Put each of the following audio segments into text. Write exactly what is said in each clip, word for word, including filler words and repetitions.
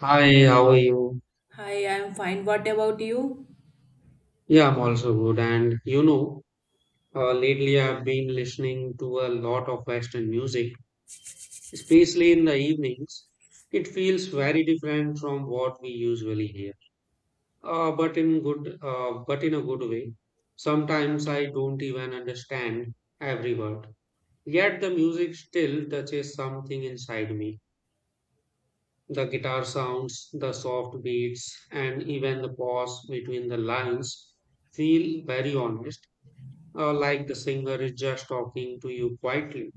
Hi, how are you? Hi, I'm fine. What about you? Yeah, I'm also good. And you know, uh, lately I've been listening to a lot of Western music, especially in the evenings. It feels very different from what we usually hear, uh, but in good, uh, but in a good way. Sometimes I don't even understand every word. Yet the music still touches something inside me. The guitar sounds, the soft beats, and even the pause between the lines feel very honest, uh, like the singer is just talking to you quietly.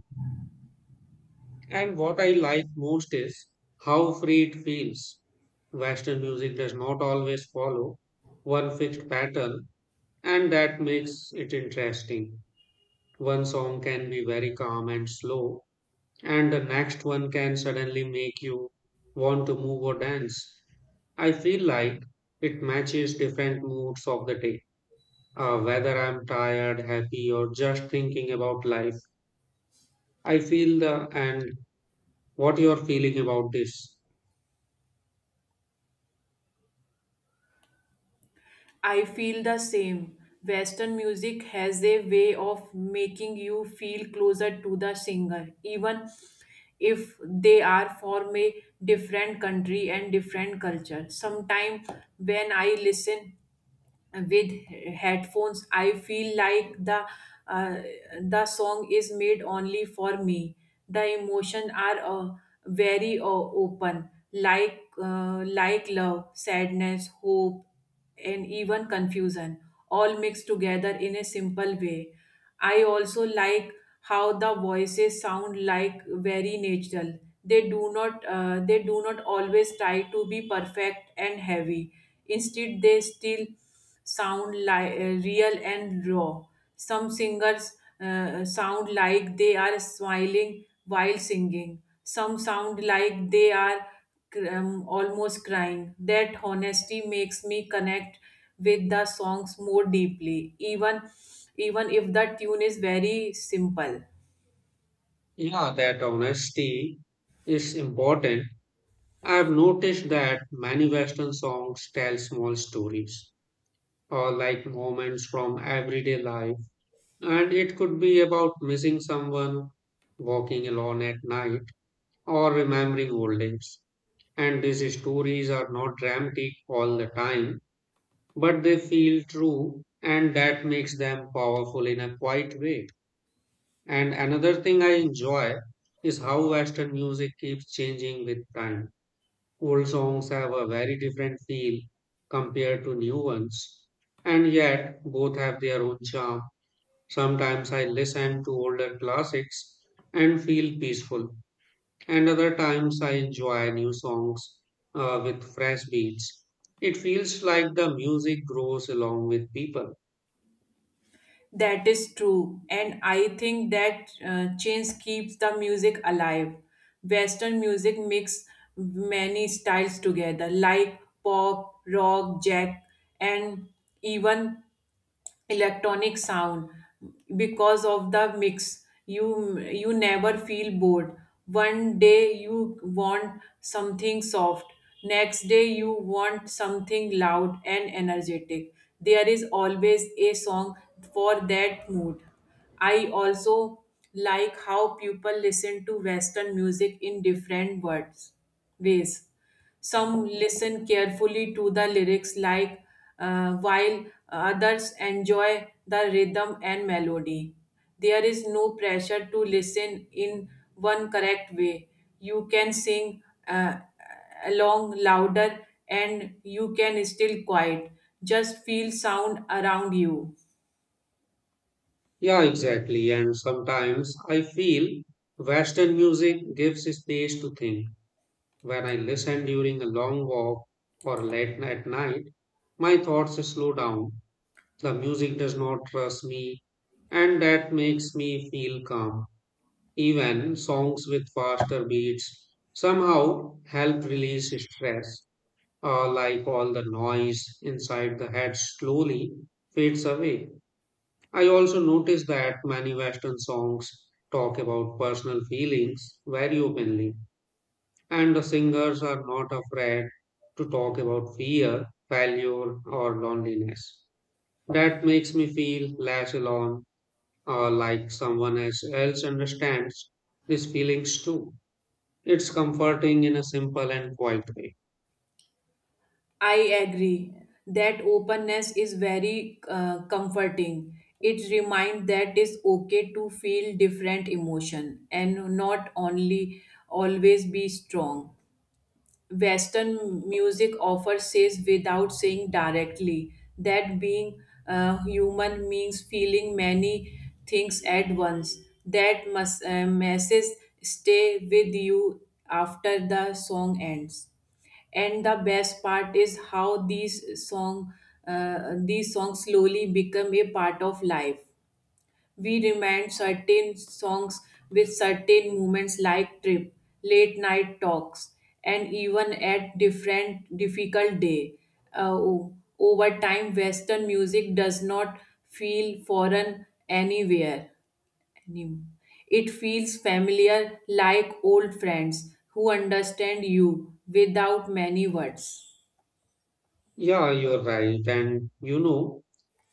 And what I like most is how free it feels. Western music does not always follow one fixed pattern, and that makes it interesting. One song can be very calm and slow, and the next one can suddenly make you want to move or dance. I feel like it matches different moods of the day, uh, whether I'm tired, happy, or just thinking about life. I feel uh, and what you are feeling about this. I feel the same. Western music has a way of making you feel closer to the singer, even if they are from a different country and different culture. Sometimes when I listen with headphones, I feel like the uh, the song is made only for me. The emotion are uh, very uh, open, like uh, like love, sadness, hope and even confusion all mixed together in a simple way. I also like how the voices sound like very natural. They do not uh, they do not always try to be perfect and heavy. Instead, they still sound like uh, real and raw. Some singers uh, sound like they are smiling while singing. Some sound like they are cr- um, almost crying. That honesty makes me connect with the songs more deeply, even even if the tune is very simple. Yeah, that honesty is important. I have noticed that many Western songs tell small stories or like moments from everyday life, and it could be about missing someone, walking alone at night, or remembering old days. And these stories are not dramatic all the time, but they feel true, and that makes them powerful in a quiet way. And another thing I enjoy is how Western music keeps changing with time. Old songs have a very different feel compared to new ones, and yet both have their own charm. Sometimes I listen to older classics and feel peaceful, and other times I enjoy new songs uh, with fresh beats. It feels like the music grows along with people. That is true, and I think that uh, change keeps the music alive. Western music mix many styles together, like pop, rock, jack, and even electronic sound because of the mix you you never feel bored. One day you want something soft, next day you want something loud and energetic. There is always a song for that mood. I also like how people listen to western music in different words ways. Some listen carefully to the lyrics, like uh, while others enjoy the rhythm and melody. There is no pressure to listen in one correct way. You can sing uh, along louder and you can still quiet. Just feel sound around you. Yeah, exactly. And sometimes I feel Western music gives space to think. When I listen during a long walk or late at night, my thoughts slow down. The music does not rush me, and that makes me feel calm. Even songs with faster beats somehow help release stress, uh, like all the noise inside the head slowly fades away. I also notice that many Western songs talk about personal feelings very openly, and the singers are not afraid to talk about fear, failure, or loneliness. That makes me feel less alone or like someone else else understands these feelings too. It's comforting in a simple and quiet way. I agree. That openness is very uh, comforting. It reminds that it's okay to feel different emotion and not only always be strong. Western music offers says without saying directly that being uh, human means feeling many things at once. That must, uh, message stay with you after the song ends. And the best part is how these song uh, these songs slowly become a part of life. We remind certain songs with certain moments like trip, late night talks, and even at different difficult day. Uh, o- over time, Western music does not feel foreign anywhere. Any- It feels familiar like old friends who understand you without many words. Yeah, you're right. And you know,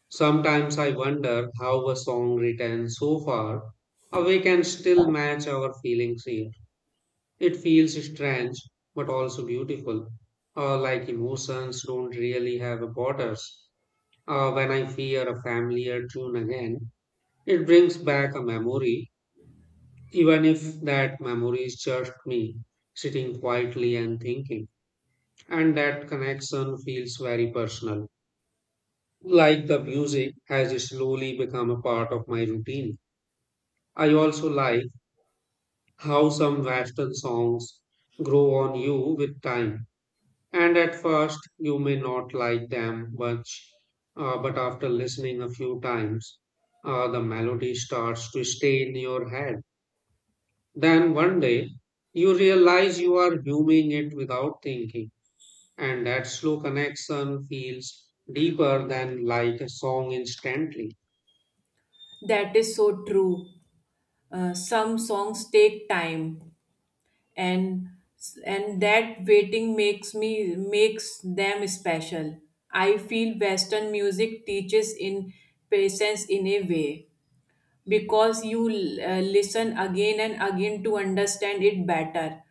sometimes I wonder how a song written so far away can still match our feelings here. It feels strange but also beautiful, uh, like emotions don't really have borders. Uh, when I hear a familiar tune again, it brings back a memory, even if that memory is just me sitting quietly and thinking. And that connection feels very personal, like the music has slowly become a part of my routine. I also like how some Western songs grow on you with time. And at first, you may not like them much, uh, but after listening a few times, uh, the melody starts to stay in your head. Then one day, you realize you are humming it without thinking, and that slow connection feels deeper than like a song instantly. That is so true. Uh, some songs take time and and that waiting makes me makes them special. I feel western music teaches in patience in a way because you uh, listen again and again to understand it better.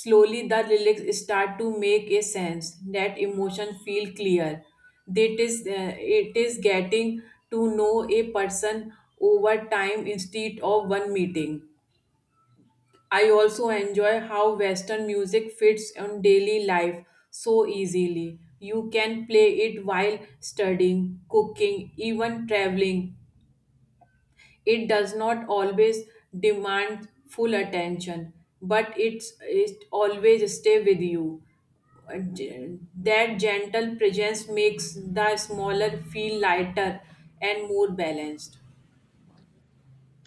Slowly the lyrics start to make a sense that emotion feel clear. That is uh, it is getting to know a person over time instead of one meeting. I also enjoy how Western music fits in daily life so easily. You can play it while studying, cooking, even traveling. It does not always demand full attention, but it's, it always stay with you. Uh, ge- That gentle presence makes the smaller feel lighter and more balanced.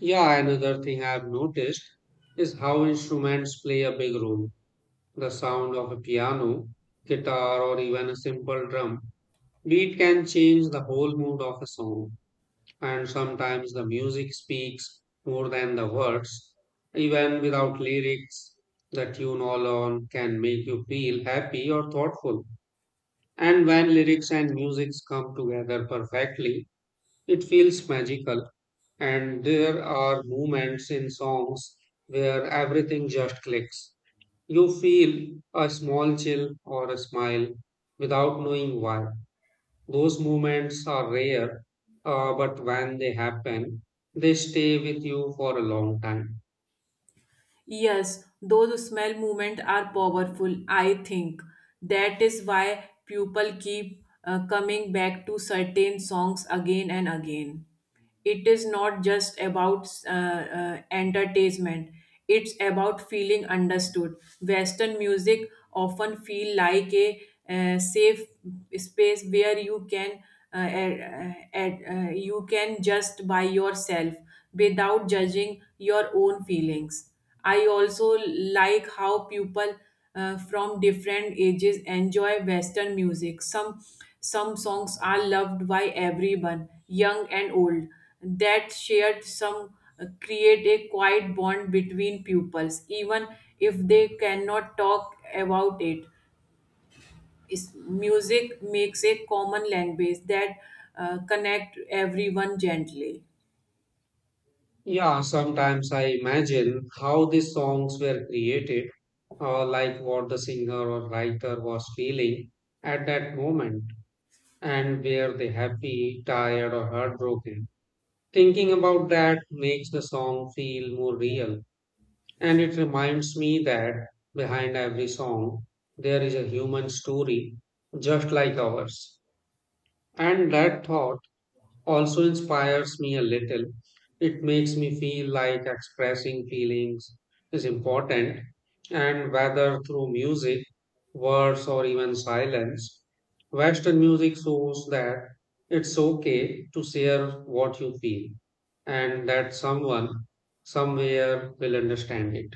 Yeah, another thing I've noticed is how instruments play a big role. The sound of a piano, guitar, or even a simple drum beat can change the whole mood of a song, and sometimes the music speaks more than the words. Even without lyrics, the tune alone can make you feel happy or thoughtful. And when lyrics and music come together perfectly, it feels magical. And there are moments in songs where everything just clicks. You feel a small chill or a smile without knowing why. Those moments are rare, uh, but when they happen, they stay with you for a long time. Yes, those smell movements are powerful, I think. That is why people keep uh, coming back to certain songs again and again. It is not just about uh, uh, entertainment, it's about feeling understood. Western music often feel like a uh, safe space where you can uh, uh, uh, uh, you can just by yourself without judging your own feelings. I also like how people uh, from different ages enjoy Western music. Some some songs are loved by everyone, young and old. That shared some uh, create a quiet bond between pupils, even if they cannot talk about it. Is- music makes a common language that uh, connect everyone gently. Yeah, sometimes I imagine how these songs were created, uh, like what the singer or writer was feeling at that moment, and were they happy, tired, or heartbroken. Thinking about that makes the song feel more real. And it reminds me that behind every song, there is a human story just like ours. And that thought also inspires me a little. It makes me feel like expressing feelings is important, and whether through music, words, or even silence, Western music shows that it's okay to share what you feel and that someone somewhere will understand it.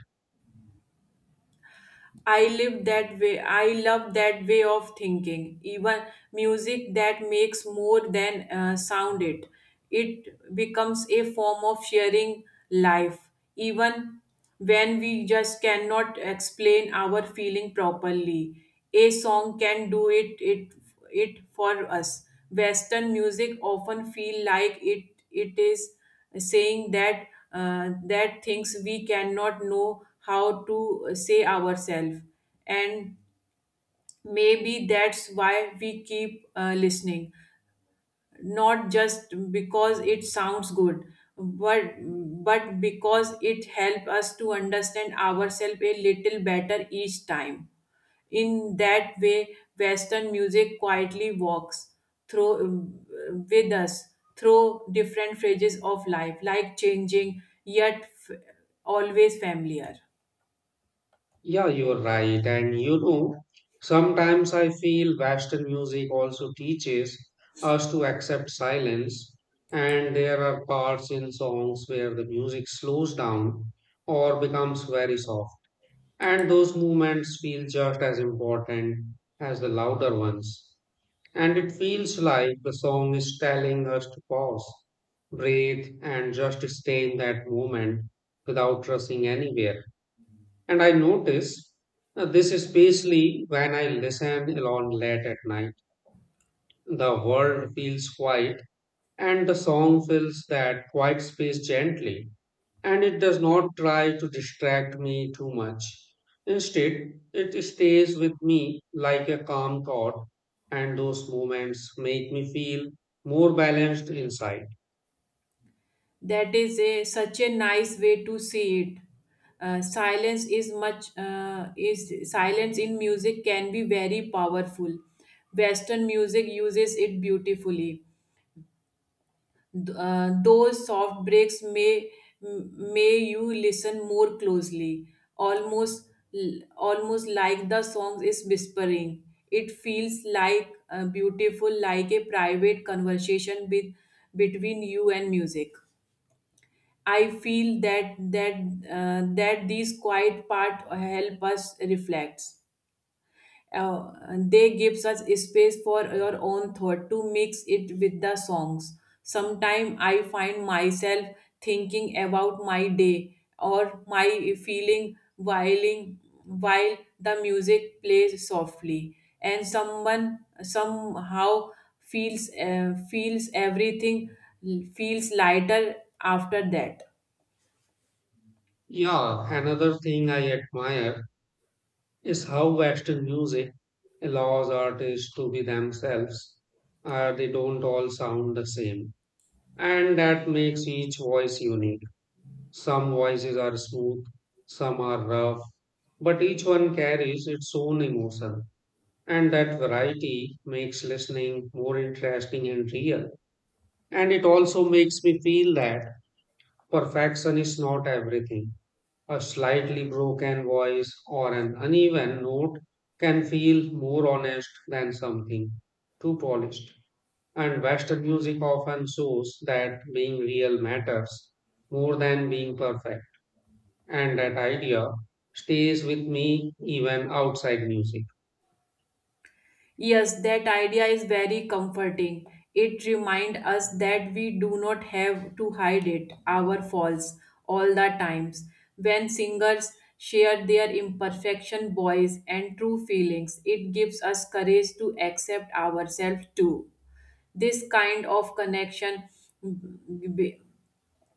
I live that way. I love that way of thinking. Even music that makes more than uh, sound it. It becomes a form of sharing life, even when we just cannot explain our feeling properly. A song can do it. It it for us. Western music often feel like it it is saying that uh, that things we cannot know how to say ourselves. And maybe that's why we keep uh, listening, not just because it sounds good, but but because it helps us to understand ourselves a little better each time. In that way, western music quietly walks through with us through different phases of life, like changing yet f- always familiar. Yeah, you're right. And you know, sometimes I feel Western music also teaches us to accept silence. And there are parts in songs where the music slows down or becomes very soft. And those movements feel just as important as the louder ones. And it feels like the song is telling us to pause, breathe, and just stay in that moment without rushing anywhere. And I notice uh, this especially when I listen alone late at night. The world feels quiet and the song fills that quiet space gently and it does not try to distract me too much. Instead, it stays with me like a calm thought, and those moments make me feel more balanced inside. That is a such a nice way to see it. Uh, silence is much uh, is silence in music can be very powerful. Western music uses it beautifully. Th- uh, those soft breaks may m- may you listen more closely, almost almost like the song is whispering. It feels like uh, beautiful, like a private conversation with between you and music. I feel that that uh, that these quiet part help us reflect. Uh, they gives us space for your own thought to mix it with the songs. Sometimes I find myself thinking about my day or my feeling while while the music plays softly, and someone somehow feels uh, feels everything feels lighter after that. Yeah, another thing I admire is how Western music allows artists to be themselves. Uh, they don't all sound the same. And that makes each voice unique. Some voices are smooth, some are rough, but each one carries its own emotion. And that variety makes listening more interesting and real. And it also makes me feel that perfection is not everything. A slightly broken voice or an uneven note can feel more honest than something too polished. And Western music often shows that being real matters more than being perfect. And that idea stays with me even outside music. Yes, that idea is very comforting. It reminds us that we do not have to hide it, our faults, all the times. When singers share their imperfection, voice, and true feelings, it gives us courage to accept ourselves too. This kind of connection b- b-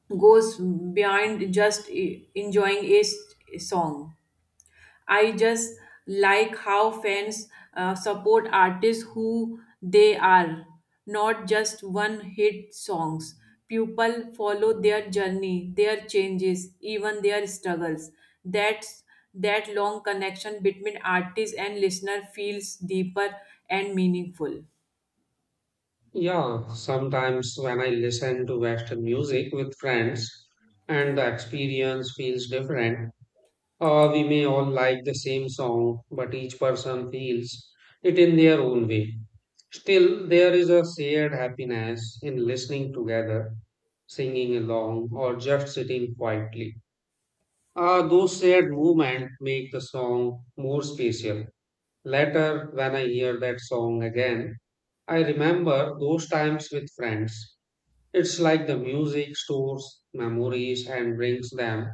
goes beyond just e- enjoying a s- song. I just like how fans uh, support artists who they are, not just one hit songs. People follow their journey, their changes, even their struggles. That's that long connection between artist and listener feels deeper and meaningful. Yeah, sometimes when I listen to Western music with friends and the experience feels different, Uh, we may all like the same song, but each person feels it in their own way. Still, there is a shared happiness in listening together, singing along, or just sitting quietly. Uh, those shared movements make the song more special. Later, when I hear that song again, I remember those times with friends. It's like the music stores memories and brings them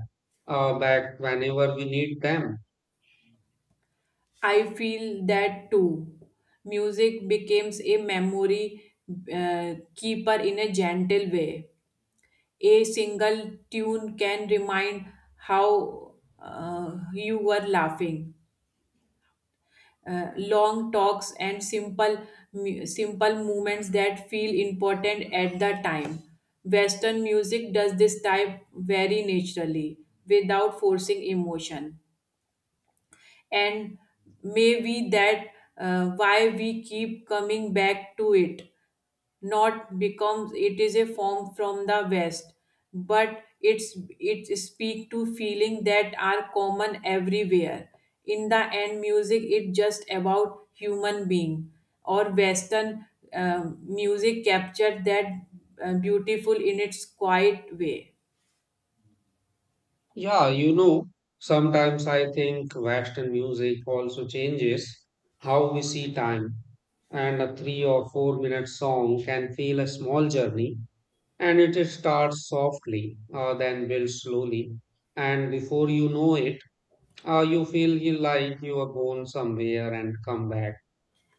uh, back whenever we need them. I feel that too. Music becomes a memory uh, keeper in a gentle way. A single tune can remind how uh, you were laughing. Uh, long talks and simple mu- simple movements that feel important at the time. Western music does this type very naturally without forcing emotion. And maybe that uh, why we keep coming back to it, not becomes it is a form from the west, but it's it speak to feeling that are common everywhere. In the end music it just about human being or western um, music captured that uh, beautiful in its quiet way. Yeah, you know, sometimes I think Western music also changes how we see time, and a three or four minute song can feel a small journey, and it starts softly, uh, then builds slowly, and before you know it, uh, you feel you- like you are gone somewhere and come back,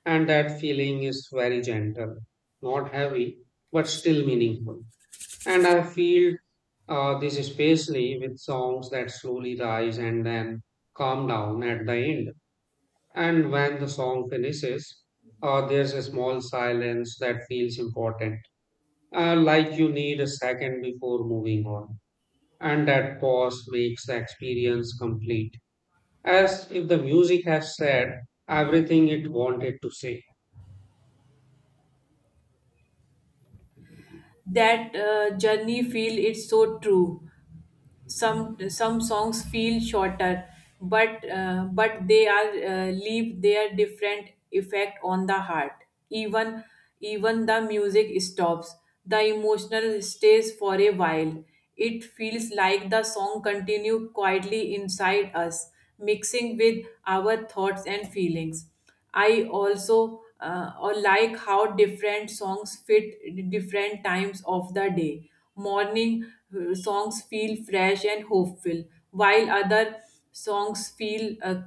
and that feeling is very gentle, not heavy, but still meaningful. And I feel uh, this especially with songs that slowly rise and then calm down at the end. And when the song finishes, uh, there's a small silence that feels important, uh, like you need a second before moving on. And that pause makes the experience complete, as if the music has said everything it wanted to say. That uh, journey feel it's so true. Some some songs feel shorter, but uh, but they are uh, leave their different effect on the heart. Even even the music stops, the emotional stays for a while. It feels like the song continue quietly inside us, mixing with our thoughts and feelings. I also uh, or like how different songs fit different times of the day. Morning uh, songs feel fresh and hopeful, while other songs feel uh,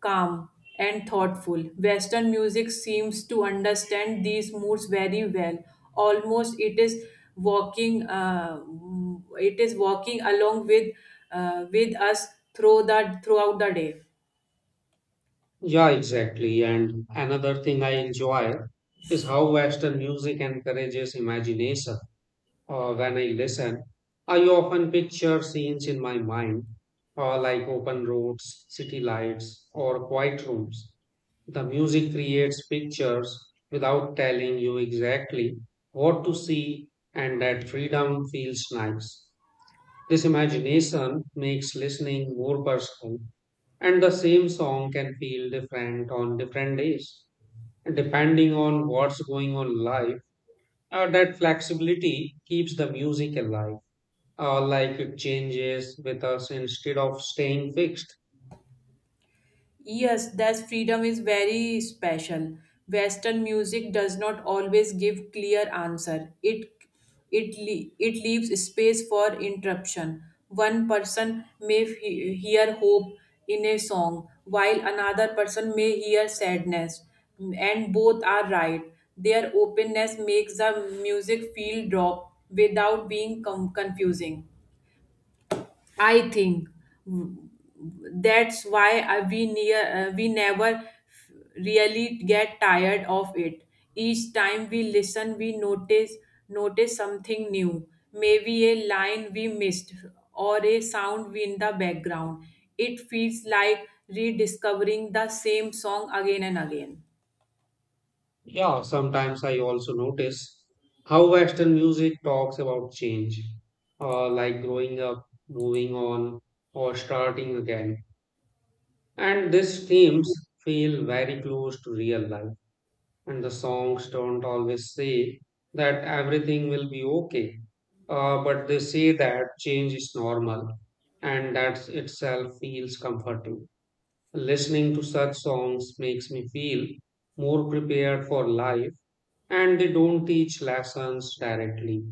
calm and thoughtful. Western music seems to understand these moods very well. Almost it is walking, uh, it is walking along with uh, with us through the throughout the day. Yeah, exactly. And another thing I enjoy is how Western music encourages imagination. Uh, when I listen, I often picture scenes in my mind, uh, like open roads, city lights, or quiet rooms. The music creates pictures without telling you exactly what to see, and that freedom feels nice. This imagination makes listening more personal, and the same song can feel different on different days, depending on what's going on life. Uh, that flexibility keeps the music alive, uh, like it changes with us instead of staying fixed. Yes, that freedom is very special. Western music does not always give clear answer. It it le- it leaves space for interruption. One person may he- hear hope in a song, while another person may hear sadness, and both are right. Their openness makes the music feel drop without being com- confusing. I think that's why uh, we near uh, we never really get tired of it. Each time we listen we notice notice something new, maybe a line we missed or a sound we in the background. It feels like rediscovering the same song again and again. Yeah, sometimes I also notice how Western music talks about change, uh, like growing up, moving on, or starting again. And these themes feel very close to real life. And the songs don't always say that everything will be okay, uh, but they say that change is normal, and that itself feels comforting. Listening to such songs makes me feel more prepared for life, and they don't teach lessons directly,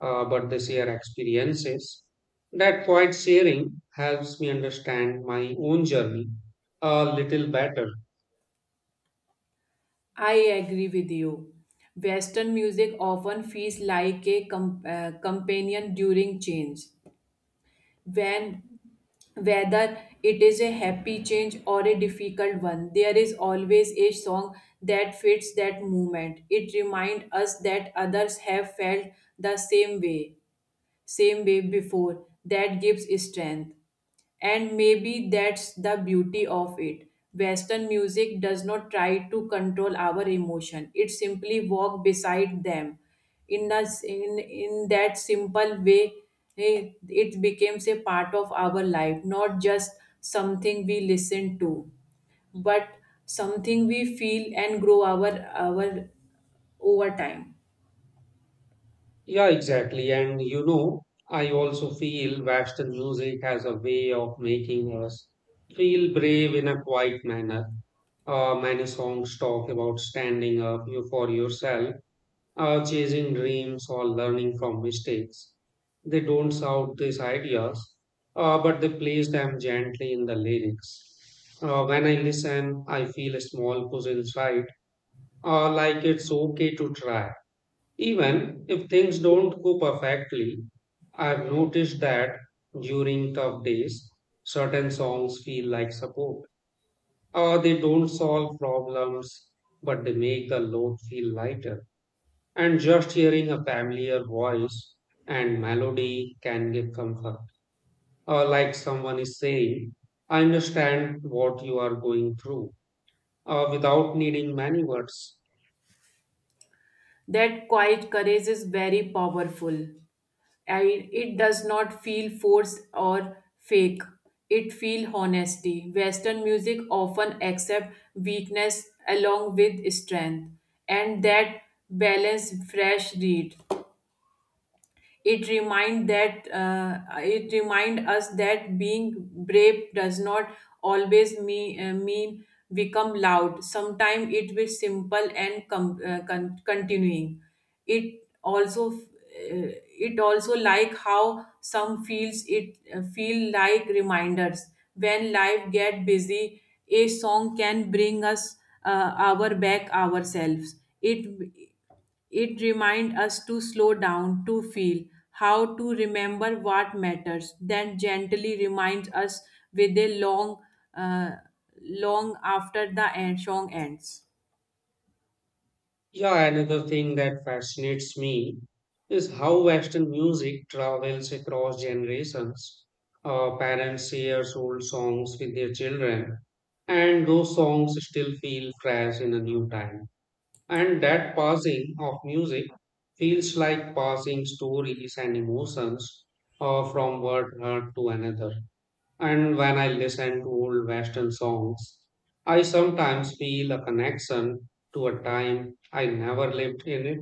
uh, but they share experiences. That quiet sharing helps me understand my own journey a little better. I agree with you. Western music often feels like a com- uh, companion during change. When Whether it is a happy change or a difficult one, there is always a song that fits that movement. It reminds us that others have felt the same way same way before. That gives strength. And maybe that's the beauty of it. Western music does not try to control our emotion, it simply walks beside them. In, the, in, in that simple way, eh, it becomes a part of our life, not just something we listen to, but something we feel and grow our, our over time. Yeah, exactly. And you know, I also feel Western music has a way of making us feel brave in a quiet manner. Uh, many songs talk about standing up you- for yourself are chasing dreams or learning from mistakes. They don't shout these ideas, uh, but they place them gently in the lyrics. Uh, when I listen, I feel a small push inside, uh, like it's okay to try. Even if things don't go perfectly, I've noticed that during tough days, certain songs feel like support. Uh, they don't solve problems, but they make the load feel lighter and just hearing a familiar voice and melody can give comfort. Or like someone is saying, I understand what you are going through, uh, without needing many words. That quiet courage is very powerful. I, it does not feel forced or fake. It feel honesty. Western music often accept weakness along with strength, and that balance fresh read. It remind that uh, it remind us that being brave does not always mean, uh, mean become loud. Sometimes it is simple and com- uh, con- continuing. It also uh, it also like how some feels it uh, feel like reminders when life get busy. A song can bring us uh, our back ourselves. It it reminds us to slow down, to feel, how to remember what matters, then gently reminds us with a long, uh, long after the end, song ends. Yeah, another thing that fascinates me is how Western music travels across generations. Uh, parents share old songs with their children, and those songs still feel fresh in a new time. And that passing of music feels like passing stories and emotions, uh, from one heart to another. And when I listen to old Western songs, I sometimes feel a connection to a time I never lived in it.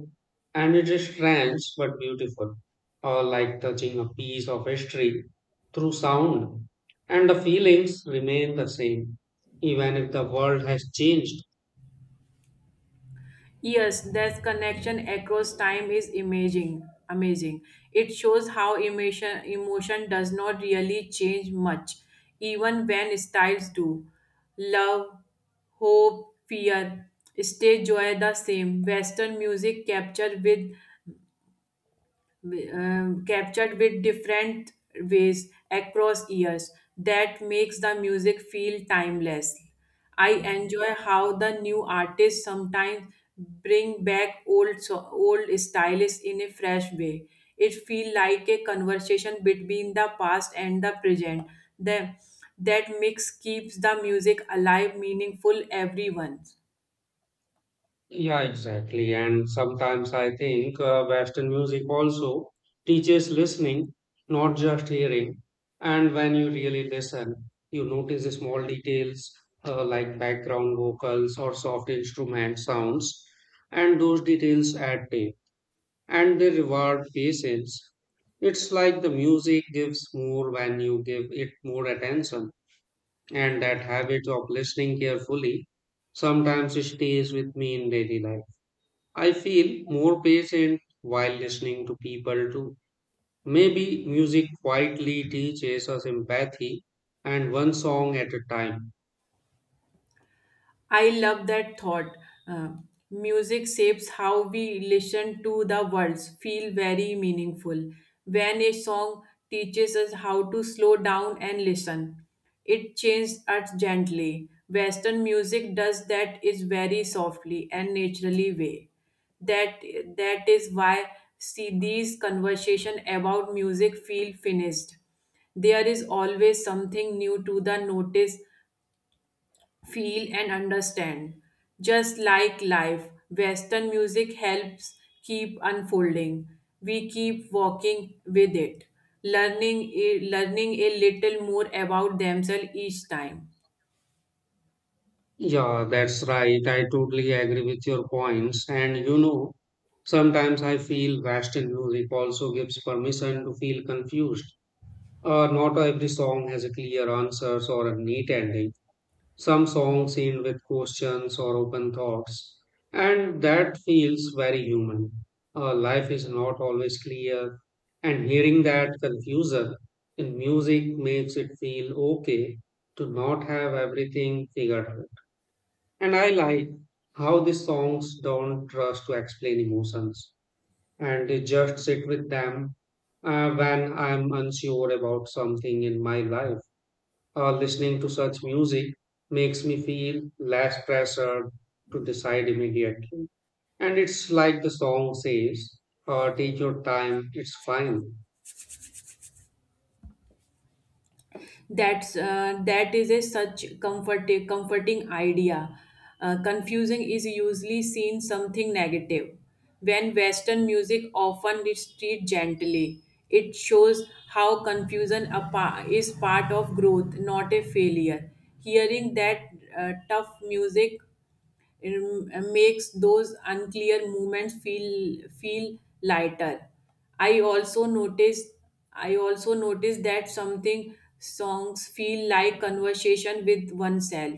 And it is strange but beautiful, uh, like touching a piece of history through sound. And the feelings remain the same, even if the world has changed. Yes, that connection across time is amazing. Amazing. It shows how emotion emotion does not really change much, even when styles do. Love, hope, fear, stay joy the same. Western music captured with wi- um, captured with different ways across years. That makes the music feel timeless. I enjoy how the new artists sometimes bring back old so- old styles in a fresh way. It feels like a conversation between the past and the present. the, that mix keeps the music alive meaningful everyone. Yeah, exactly. And sometimes I think uh, Western music also teaches listening, not just hearing. And when you really listen, you notice the small details, uh, like background vocals or soft instrument sounds. And those details add depth and they reward patience. It's like the music gives more when you give it more attention. And that habit of listening carefully sometimes stays with me in daily life. I feel more patient while listening to people too. Maybe music quietly teaches us empathy and one song at a time. I love that thought. Uh, music shapes how we listen to the words, feel very meaningful. When a song teaches us how to slow down and listen, it changes us gently. Western music does that is very softly and naturally way. That that is why see these conversation about music feel finished. There is always something new to the notice feel and understand. Just like life, Western music helps keep unfolding. We keep walking with it, learning a, learning a little more about themselves each time. Yeah, that's right. I totally agree with your points. And you know, sometimes I feel Western music also gives permission to feel confused. Uh, not every song has a clear answers or a neat ending. some songs end with questions or open thoughts, and that feels very human. Our life is not always clear, and hearing that confusion in music makes it feel okay to not have everything figured out. And I like how the songs don't rush to explain emotions, and they just sit with them uh, when I'm unsure about something in my life. Uh, listening to such music makes me feel less pressured to decide immediately. And it's like the song says, uh, take your time, it's fine. That's uh, that is a such comfort comforting idea. Uh, confusing is usually seen something negative. When Western music often is treated gently, it shows how confusion a pa- is part of growth, not a failure. Hearing that uh, tough music it m- makes those unclear movements feel feel lighter. I also noticed I also noticed that something songs feel like conversation with oneself.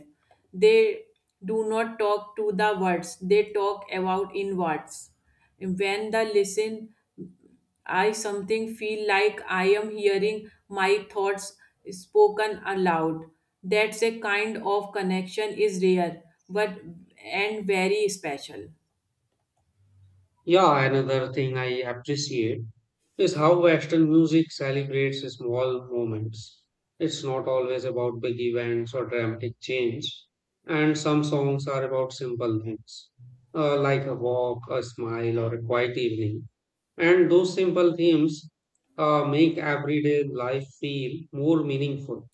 They do not talk to the words; they talk about in words. When the listen I something feel like I am hearing my thoughts spoken aloud. That's a kind of connection is rare, but and very special. Yeah, another thing I appreciate is how Western music celebrates small moments. It's not always about big events or dramatic change, and some songs are about simple things, uh, like a walk, a smile, or a quiet evening. And those simple themes uh, make everyday life feel more meaningful.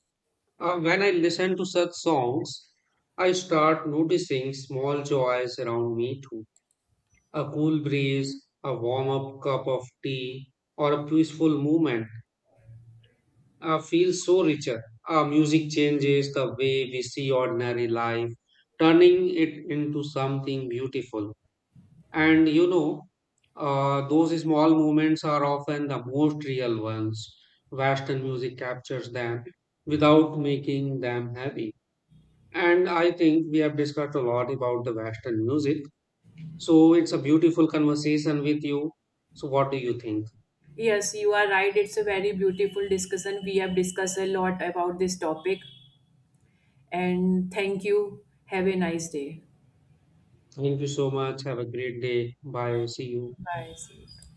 Uh, when I listen to such songs, I start noticing small joys around me too. A cool breeze, a warm up cup of tea, or a peaceful movement uh, feels so richer. Uh, music changes the way we see ordinary life, turning it into something beautiful. And you know, uh, those small moments are often the most real ones. Western music captures them without making them heavy. And I think we have discussed a lot about the Western music. So it's a beautiful conversation with you. So, what do you think? Yes, you are right. It's a very beautiful discussion. We have discussed a lot about this topic, and thank you. Have a nice day. Thank you so much. Have a great day. Bye. See you. Bye. See you.